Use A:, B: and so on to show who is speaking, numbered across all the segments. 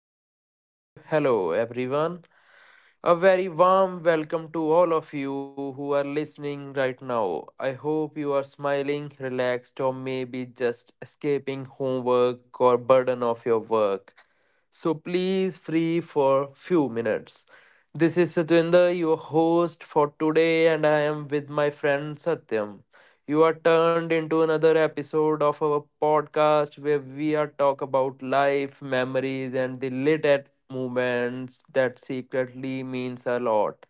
A: Hello, hello, hello, everyone. A very warm welcome to all of you who are listening right now. I hope you are smiling, relaxed, or maybe just escaping homework or burden of your work. So please free for few minutes. This is Satwinder, your host for today, and I am with my friend Satyam. You are turned into another episode of our podcast where we are talk about life, memories, and the lit at moments that secretly means a lot.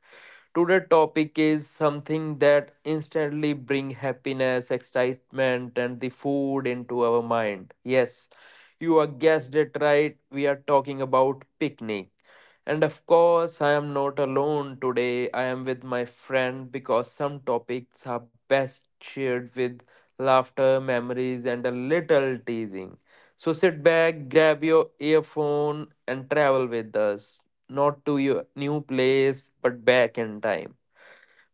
A: Today topic is something that instantly bring happiness, excitement and the food into our mind. Yes, you are guessed it right. We are talking about picnic. And of course, I am not alone today. I am with my friend because some topics are best shared with laughter, memories, and a little teasing. So sit back, grab your earphone, and travel with us not to your new place but back in time.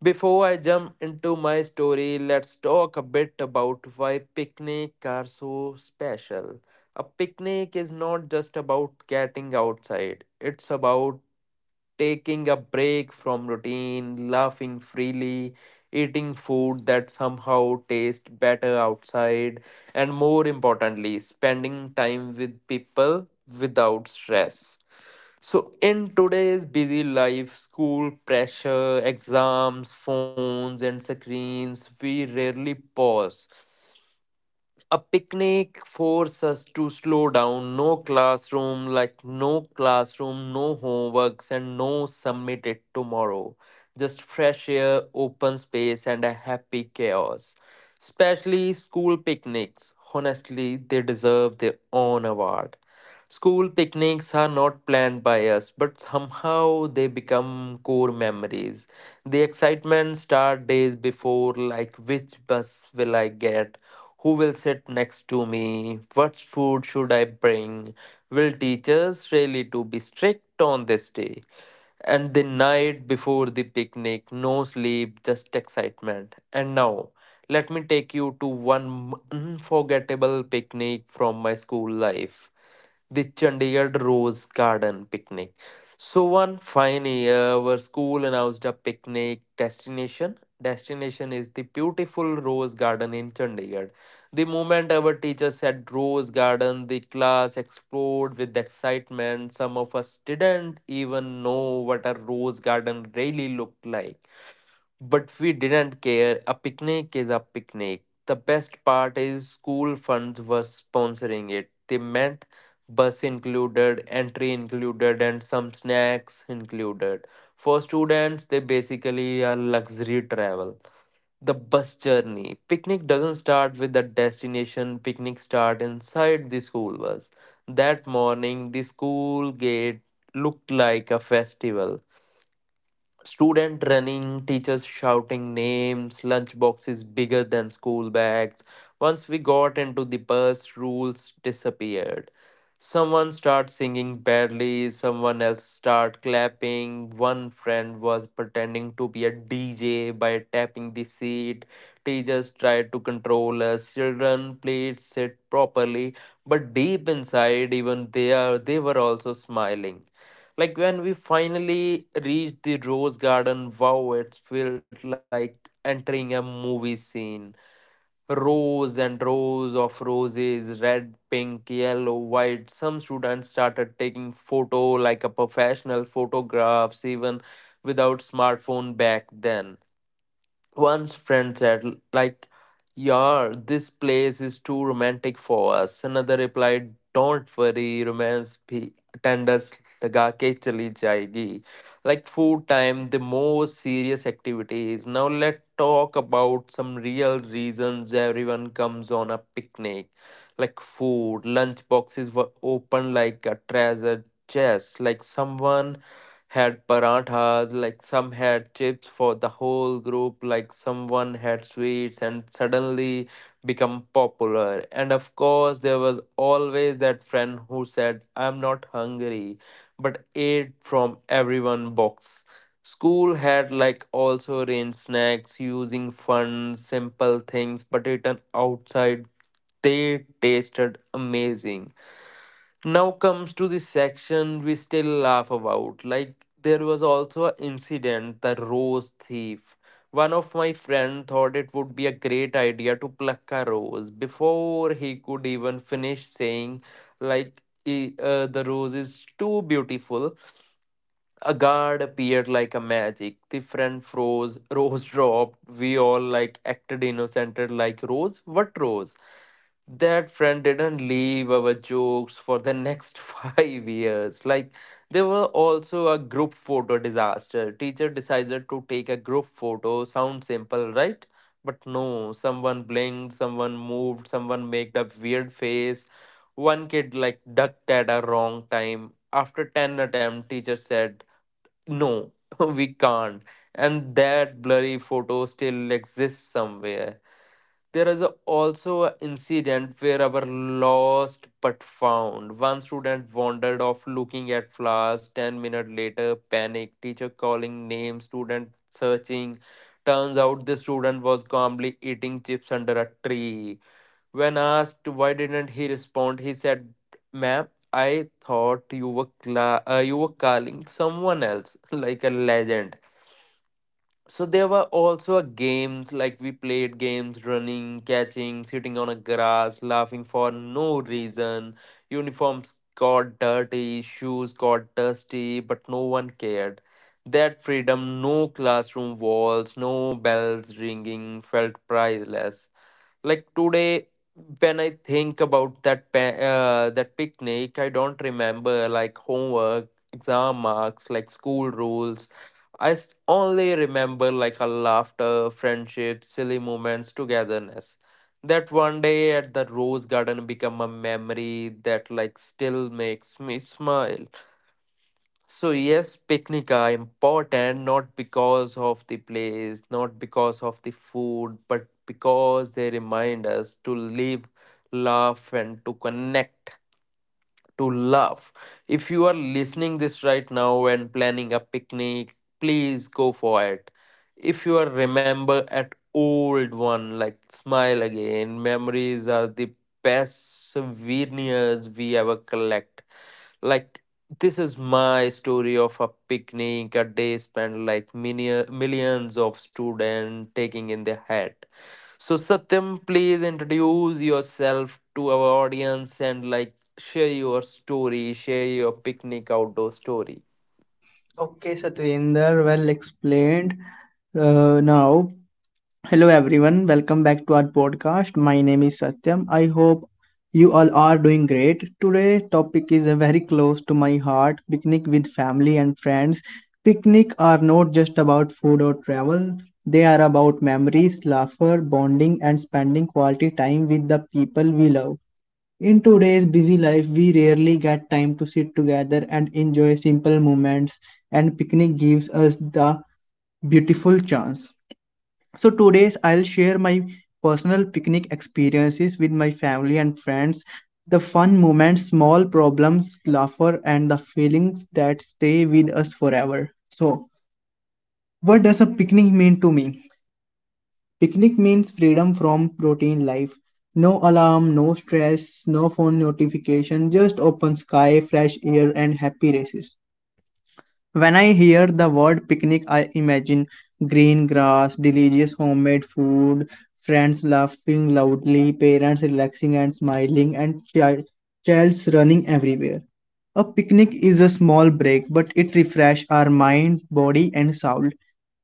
A: Before I jump into my story, let's talk a bit about why picnics are so special. A picnic is not just about getting outside, it's about taking a break from routine, laughing freely, eating food that somehow tastes better outside, and more importantly, spending time with people without stress. So, in today's busy life, school pressure, exams, phones, and screens, we rarely pause. A picnic forces us to slow down. No classroom, no homeworks, and no submitted tomorrow. Just fresh air, open space, and a happy chaos. Especially school picnics. Honestly, they deserve their own award. School picnics are not planned by us, but somehow they become core memories. The excitement starts days before, like which bus will I get? Who will sit next to me? What food should I bring? Will teachers really to be strict on this day? And the night before the picnic, no sleep, just excitement. And now, let me take you to one unforgettable picnic from my school life, the Chandigarh Rose Garden picnic. So one fine year, our school announced a picnic destination. Destination is the beautiful Rose Garden in Chandigarh. The moment our teacher said Rose Garden, the class exploded with excitement. Some of us didn't even know what a Rose Garden really looked like. But we didn't care. A picnic is a picnic. The best part is school funds were sponsoring it. They meant bus included, entry included, and some snacks included. For students, they basically are luxury travel. The bus journey. Picnic doesn't start with the destination, picnic start inside the school bus. That morning, the school gate looked like a festival. Student running, teachers shouting names, lunch boxes bigger than school bags. Once we got into the bus, rules disappeared. Someone started singing badly, someone else started clapping. One friend was pretending to be a DJ by tapping the seat. Teachers tried to control us. Children, please sit properly. But deep inside, even they were also smiling. Like when we finally reached the Rose Garden, wow, it felt like entering a movie scene. Rows and rows of roses, red, pink, yellow, white. Some students started taking photo like a professional photographs even without smartphone back then. One's friend said, like, Yar, this place is too romantic for us. Another replied, don't worry, romance bhi tenders laga ke chali jayegi. Like food time, the most serious activities. Now let's talk about some real reasons everyone comes on a picnic. Like food, lunch boxes were open like a treasure chest. Like someone had parathas, like some had chips for the whole group, like someone had sweets and suddenly become popular. And of course, there was always that friend who said, I'm not hungry, but ate from everyone box. School had like also arranged snacks using fun, simple things, but eaten outside, they tasted amazing. Now comes to the section we still laugh about. Like there was also an incident, the rose thief. One of my friend thought it would be a great idea to pluck a rose before he could even finish saying, like, the rose is too beautiful." A guard appeared like a magic. The friend froze. Rose dropped. We all like acted innocent, like, rose? What rose? That friend didn't leave our jokes for the next 5 years. Like there were also a group photo disaster. Teacher decided to take a group photo. Sounds simple, right? But no, someone blinked, someone moved, someone made a weird face. One kid like ducked at a wrong time. After 10 attempt, teacher said, no, we can't. And that blurry photo still exists somewhere. There is also an incident where our lost but found. One student wandered off looking at flowers. 10 minutes later, panic. Teacher calling name. Student searching. Turns out the student was calmly eating chips under a tree. When asked why didn't he respond, he said, "Ma'am, I thought you were you were calling someone else, like a legend." So there were also games, like we played games, running, catching, sitting on a grass, laughing for no reason. Uniforms got dirty, shoes got dusty, but no one cared. That freedom, no classroom walls, no bells ringing, felt priceless. Like today, when I think about that picnic, I don't remember like homework, exam marks, like school rules. I only remember like her laughter, friendship, silly moments, togetherness. That one day at the rose garden become a memory that like still makes me smile. So yes, picnic are important not because of the place, not because of the food, but because they remind us to live, laugh, and to connect, to love. If you are listening this right now and planning a picnic, please go for it. If you are remember at old one, like smile again. Memories are the best souvenirs we ever collect. Like this is my story of a picnic, a day spent like millions of students taking in their head. So, Satyam, please introduce yourself to our audience and like share your story, share your picnic outdoor story.
B: Okay, Satvinder, well explained. Uh, now, hello everyone, welcome back to our podcast. My name is Satyam. I hope you all are doing great. Today topic is a very close to my heart, picnic with family and friends. Picnic are not just about food or travel. They are about memories, laughter, bonding and spending quality time with the people we love. In today's busy life, we rarely get time to sit together and enjoy simple moments, and picnic gives us the beautiful chance. So today's I'll share my personal picnic experiences with my family and friends, the fun moments, small problems, laughter and the feelings that stay with us forever. So, what does a picnic mean to me? Picnic means freedom from routine life. No alarm, no stress, no phone notification, just open sky, fresh air, and happy races. When I hear the word picnic, I imagine green grass, delicious homemade food, friends laughing loudly, parents relaxing and smiling, and childs running everywhere. A picnic is a small break, but it refreshes our mind, body, and soul.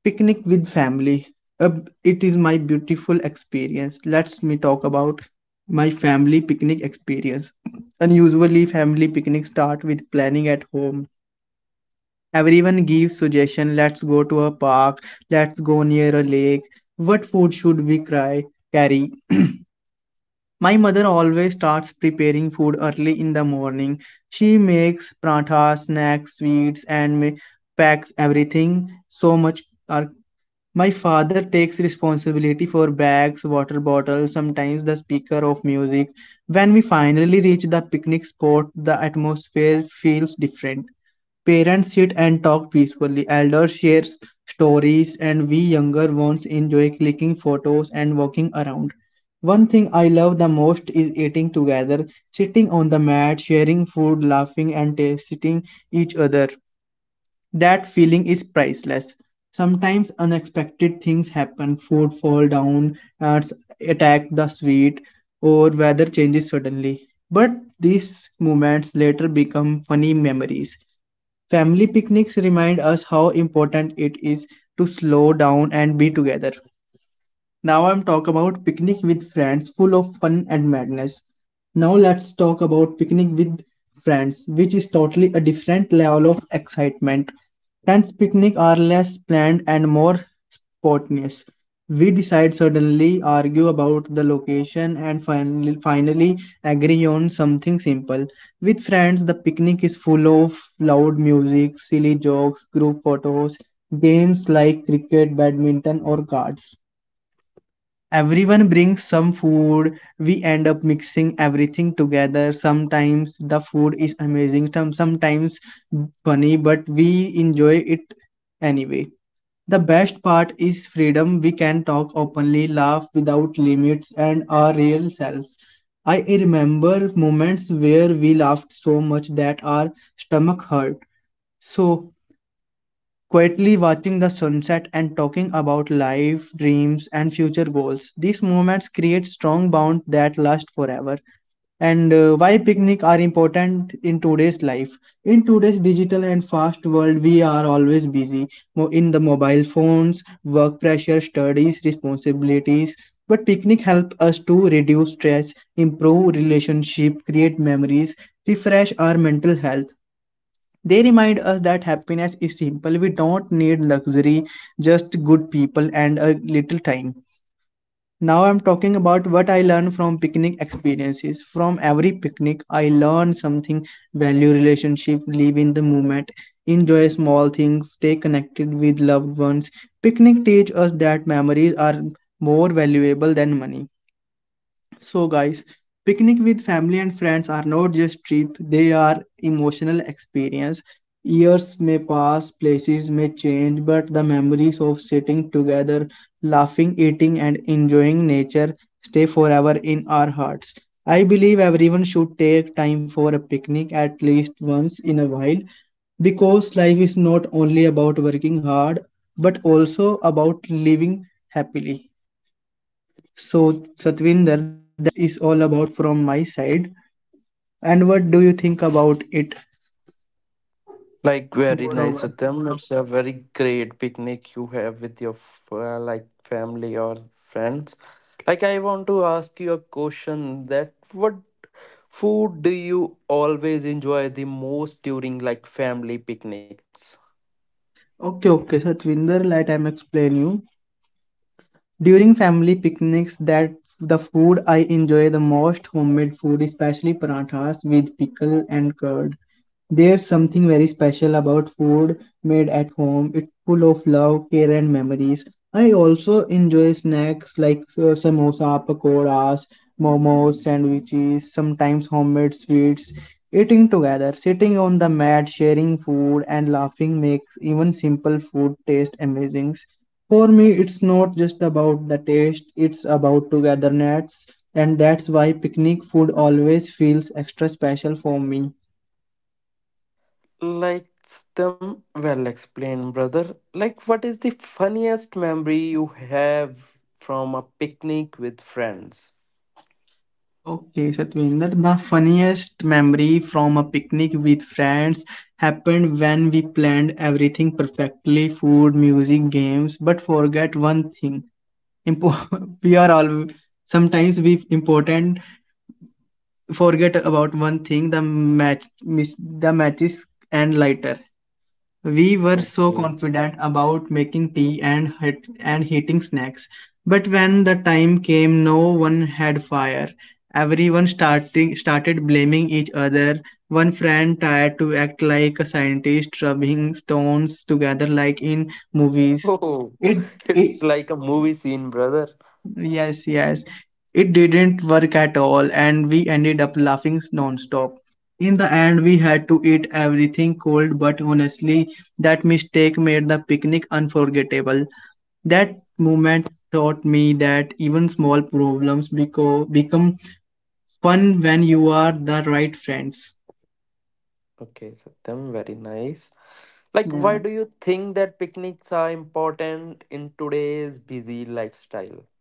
B: Picnic with family. Uh, it is my beautiful experience. Let's me talk about my family picnic experience. Unusually, family picnics start with planning at home. Everyone gives suggestion. Let's go to a park. Let's go near a lake. What food should we carry? My mother always starts preparing food early in the morning. She makes prathas, snacks, sweets, and packs everything. So much are my father takes responsibility for bags, water bottles, sometimes the speaker of music. When we finally reach the picnic spot, the atmosphere feels different. Parents sit and talk peacefully, elders share stories, and we younger ones enjoy clicking photos and walking around. One thing I love the most is eating together, sitting on the mat, sharing food, laughing, and tasting each other. That feeling is priceless. Sometimes unexpected things happen, food fall down, ants attack the sweet, or weather changes suddenly. But these moments later become funny memories. Family picnics remind us how important it is to slow down and be together. Now I'm talk about picnic with friends full of fun and madness. Now let's talk about picnic with friends which is totally a different level of excitement. Friends picnic are less planned and more spontaneous. We decide suddenly, argue about the location and finally agree on something simple. With friends the picnic is full of loud music, silly jokes, group photos, games like cricket, badminton or cards, everyone brings some food. We end up mixing everything together. Sometimes the food is amazing, sometimes funny, but we enjoy it anyway. The best part is freedom. We can talk openly, laugh without limits, and our real selves. I remember moments where we laughed so much that our stomach hurt. So quietly watching the sunset and talking about life, dreams, and future goals. These moments create strong bonds that last forever. And why picnic are important in today's life? In today's digital and fast world, we are always busy in the mobile phones, work pressure, studies, responsibilities. But picnic help us to reduce stress, improve relationship, create memories, refresh our mental health. They remind us that happiness is simple. We don't need luxury, just good people and a little time. Now I'm talking about what I learned from picnic experiences. From every picnic, I learn something value relationship, live in the moment, enjoy small things, stay connected with loved ones. Picnic teach us that memories are more valuable than money. So, guys, picnic with family and friends are not just trip, they are emotional experience. Years may pass, places may change, but the memories of sitting together, laughing, eating, and enjoying nature stay forever in our hearts. I believe everyone should take time for a picnic at least once in a while because life is not only about working hard but also about living happily. So, Satvinder, that is all about from my side. And what do you think about it?
A: Like very
B: Moreover,
A: nice, Satyam. It's a very great picnic you have with your like family or friends. Like I want to ask you a question, that what food do you always enjoy the most during like family picnics?
B: okay, okay, Satvinder, let I'm explain you. During family picnics, that the food I enjoy the most homemade food, especially parathas with pickle and curd. There's something very special about food made at home. It's full of love, care, and memories. I also enjoy snacks like samosa, pakoras, momos, sandwiches, sometimes homemade sweets. Eating together, sitting on the mat, sharing food, and laughing makes even simple food taste amazing. For me, it's not just about the taste, it's about togetherness, and that's why picnic food always feels extra special for me.
A: Like them well explained, brother. Like what is the funniest memory you have from a picnic with friends?
B: Okay, Satvinder, the funniest memory from a picnic with friends happened when we planned everything perfectly, food, music, games, but forget one thing. We are all sometimes we important forget about one thing, the match miss the matches and lighter. We were so
A: Okay.
B: confident about making tea and and heating snacks, but when the time came, no one had fire. Everyone starting started blaming each other. One friend tried to act like a scientist, rubbing stones together like in movies.
A: Oh,
B: It it
A: it's like a movie scene, brother.
B: Yes, yes, it didn't work at all, and we ended up laughing non-stop. In the end, we had to eat everything cold, but honestly, that mistake made the picnic unforgettable. That moment taught me that even small problems become fun when you are the right friends.
A: Okay, Satyam, very nice. Like, why
B: Yeah.
A: do you think that picnics are important in today's busy lifestyle?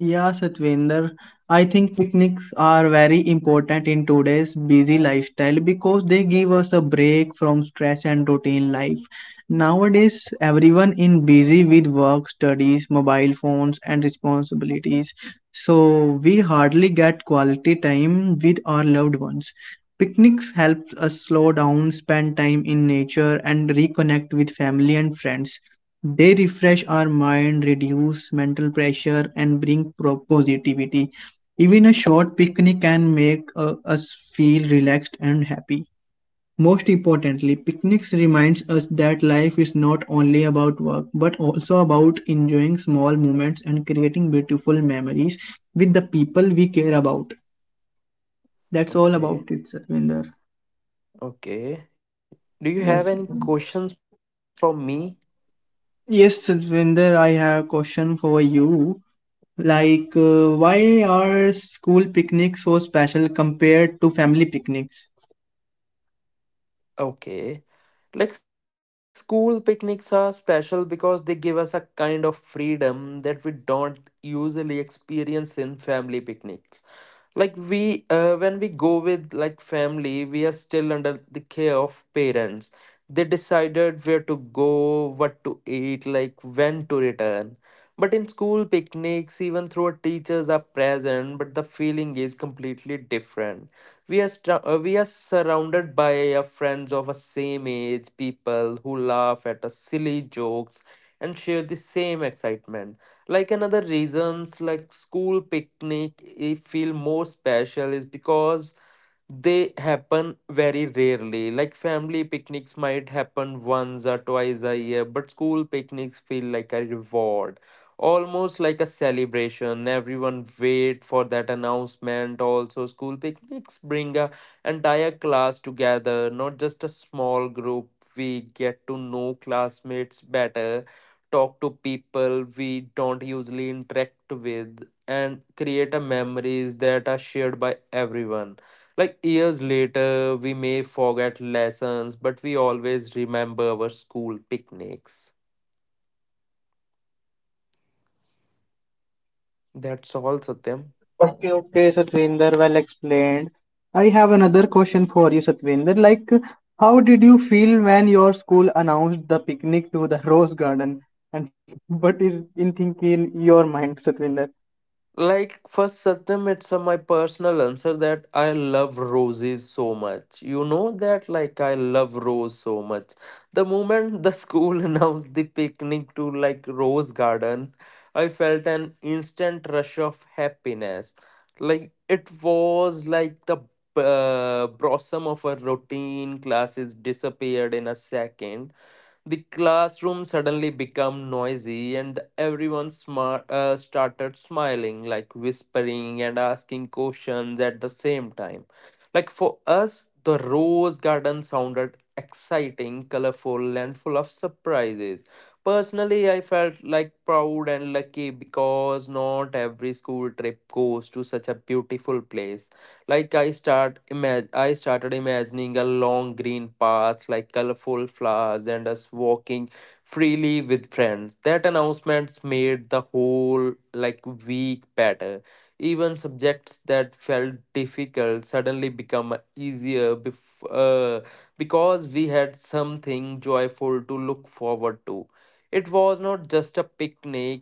B: Yeah, Satvinder, I think picnics are very important in today's busy lifestyle because they give us a break from stress and routine life. Nowadays, everyone in busy with work, studies, mobile phones and responsibilities. So we hardly get quality time with our loved ones. Picnics helps us slow down, spend time in nature and reconnect with family and friends. They refresh our mind, reduce mental pressure, and bring positivity. Even a short picnic can make us feel relaxed and happy. Most importantly, picnics reminds us that life is not only about work but also about enjoying small moments and creating beautiful memories with the people we care about. That's all about it,
A: Okay.
B: Satvinder.
A: Okay. Do you have
B: Yes.
A: any questions for me?
B: Yes, Satvinder, I have a question for you. Like, why are school picnics so special compared to family picnics?
A: Okay. Like school picnics are special because they give us a kind of freedom that we don't usually experience in family picnics. Like we when we go with like family, we are still under the care of parents. They decided where to go, what to eat, like when to return. But in school picnics, even though teachers are present, but the feeling is completely different. We are surrounded by our friends of a same age, people who laugh at our silly jokes and share the same excitement. Like another reasons, like school picnic, it feel more special is because they happen very rarely. Like family picnics might happen once or twice a year, but school picnics feel like a reward, almost like a celebration. Everyone wait for that announcement. Also, school picnics bring a entire class together, not just a small group. We get to know classmates better, talk to people we don't usually interact with, and create a memories that are shared by everyone. Like years later, we may forget lessons, but we always remember our school picnics. That's all, Satyam.
B: Okay, okay, Satvinder, well explained. I have another question for you, Satvinder. Like, how did you feel when your school announced the picnic to the Rose Garden? And what is in thinking your mind, Satvinder?
A: Like first, Satyam, it's my personal answer that I love roses so much. You know that like I love rose so much. The moment the school announced the picnic to like rose garden, I felt an instant rush of happiness. Like it was like the blossom of a routine classes disappeared in a second. The classroom suddenly became noisy, and everyone started smiling, like whispering and asking questions at the same time. Like for us, the rose garden sounded exciting, colorful, and full of surprises. Personally, I felt like proud and lucky because not every school trip goes to such a beautiful place. Like I started imagining a long green path, like colorful flowers and us walking freely with friends. That announcements made the whole like week better. Even subjects that felt difficult suddenly become easier because we had something joyful to look forward to. It was not just a picnic,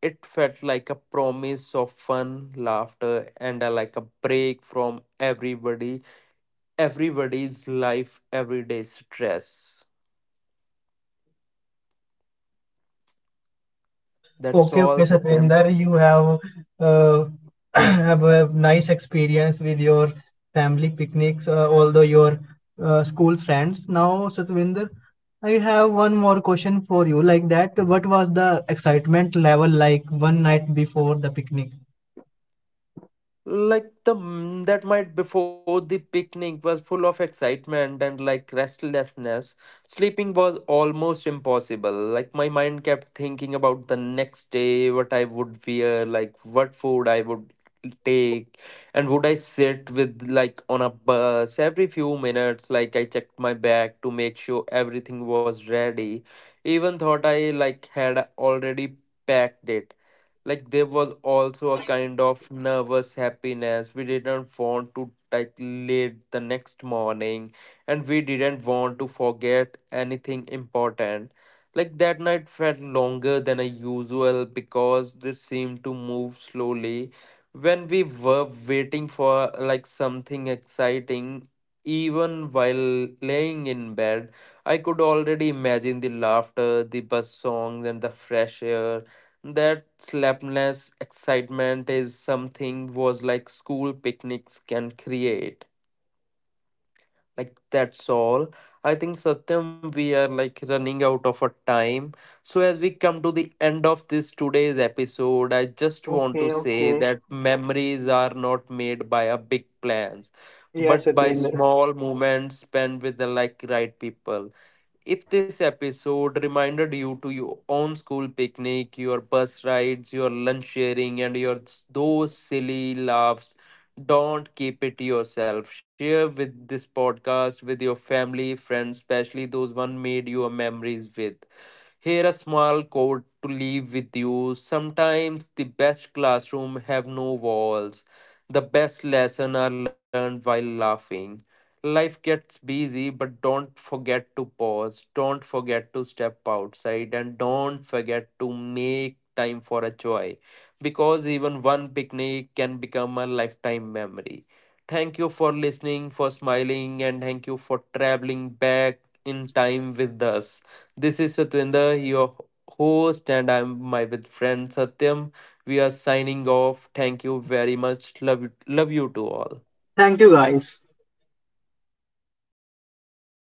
A: it felt like a promise of fun, laughter, and a break from everybody's life, everyday stress. That's
B: Okay,
A: all,
B: okay,
A: Satyam.
B: Satvinder, you have uh, have a nice experience with your family picnics, although your school friends. Now, Satvinder, I have one more question for you. Like that, what was the excitement level like one night before the picnic?
A: Like that night before the picnic was full of excitement and like restlessness. Sleeping was almost impossible. Like my mind kept thinking about the next day, what I would wear, like what food I would take, and would I sit with like on a bus every few minutes. Like I checked my bag to make sure everything was ready. Even thought I like had already packed it. Like there was also a kind of nervous happiness, we didn't want to like late the next morning, and we didn't want to forget anything important. Like that night felt longer than a usual because this seemed to move slowly when we were waiting for like something exciting. Even while laying in bed, I could already imagine the laughter, the bus songs, and the fresh air. That slapless excitement is something was like school picnics can create. Like that's all. I think, Satyam, we are like running out of our time. So as we come to the end of this today's episode, I just want to
B: Okay,
A: say
B: okay.
A: that memories are not made by a big plans,
B: Yes,
A: but by
B: Satvinder.
A: small moments spent with the like right people. If this episode reminded you to your own school picnic, your bus rides, your lunch sharing, and your those silly laughs, don't keep it to yourself. Share with this podcast with your family, friends, especially those one made your memories with. Here a small quote to leave with you. Sometimes the best classroom have no walls. The best lesson are learned while laughing. Life gets busy, but don't forget to pause. Don't forget to step outside, and don't forget to make time for a joy. Because even one picnic can become a lifetime memory. Thank you for listening, for smiling, and thank you for traveling back in time with us. This is Satwinder, your host, and I'm my with friend Satyam. We are signing off. Thank you very much. Love, love you to all.
B: Thank you, guys.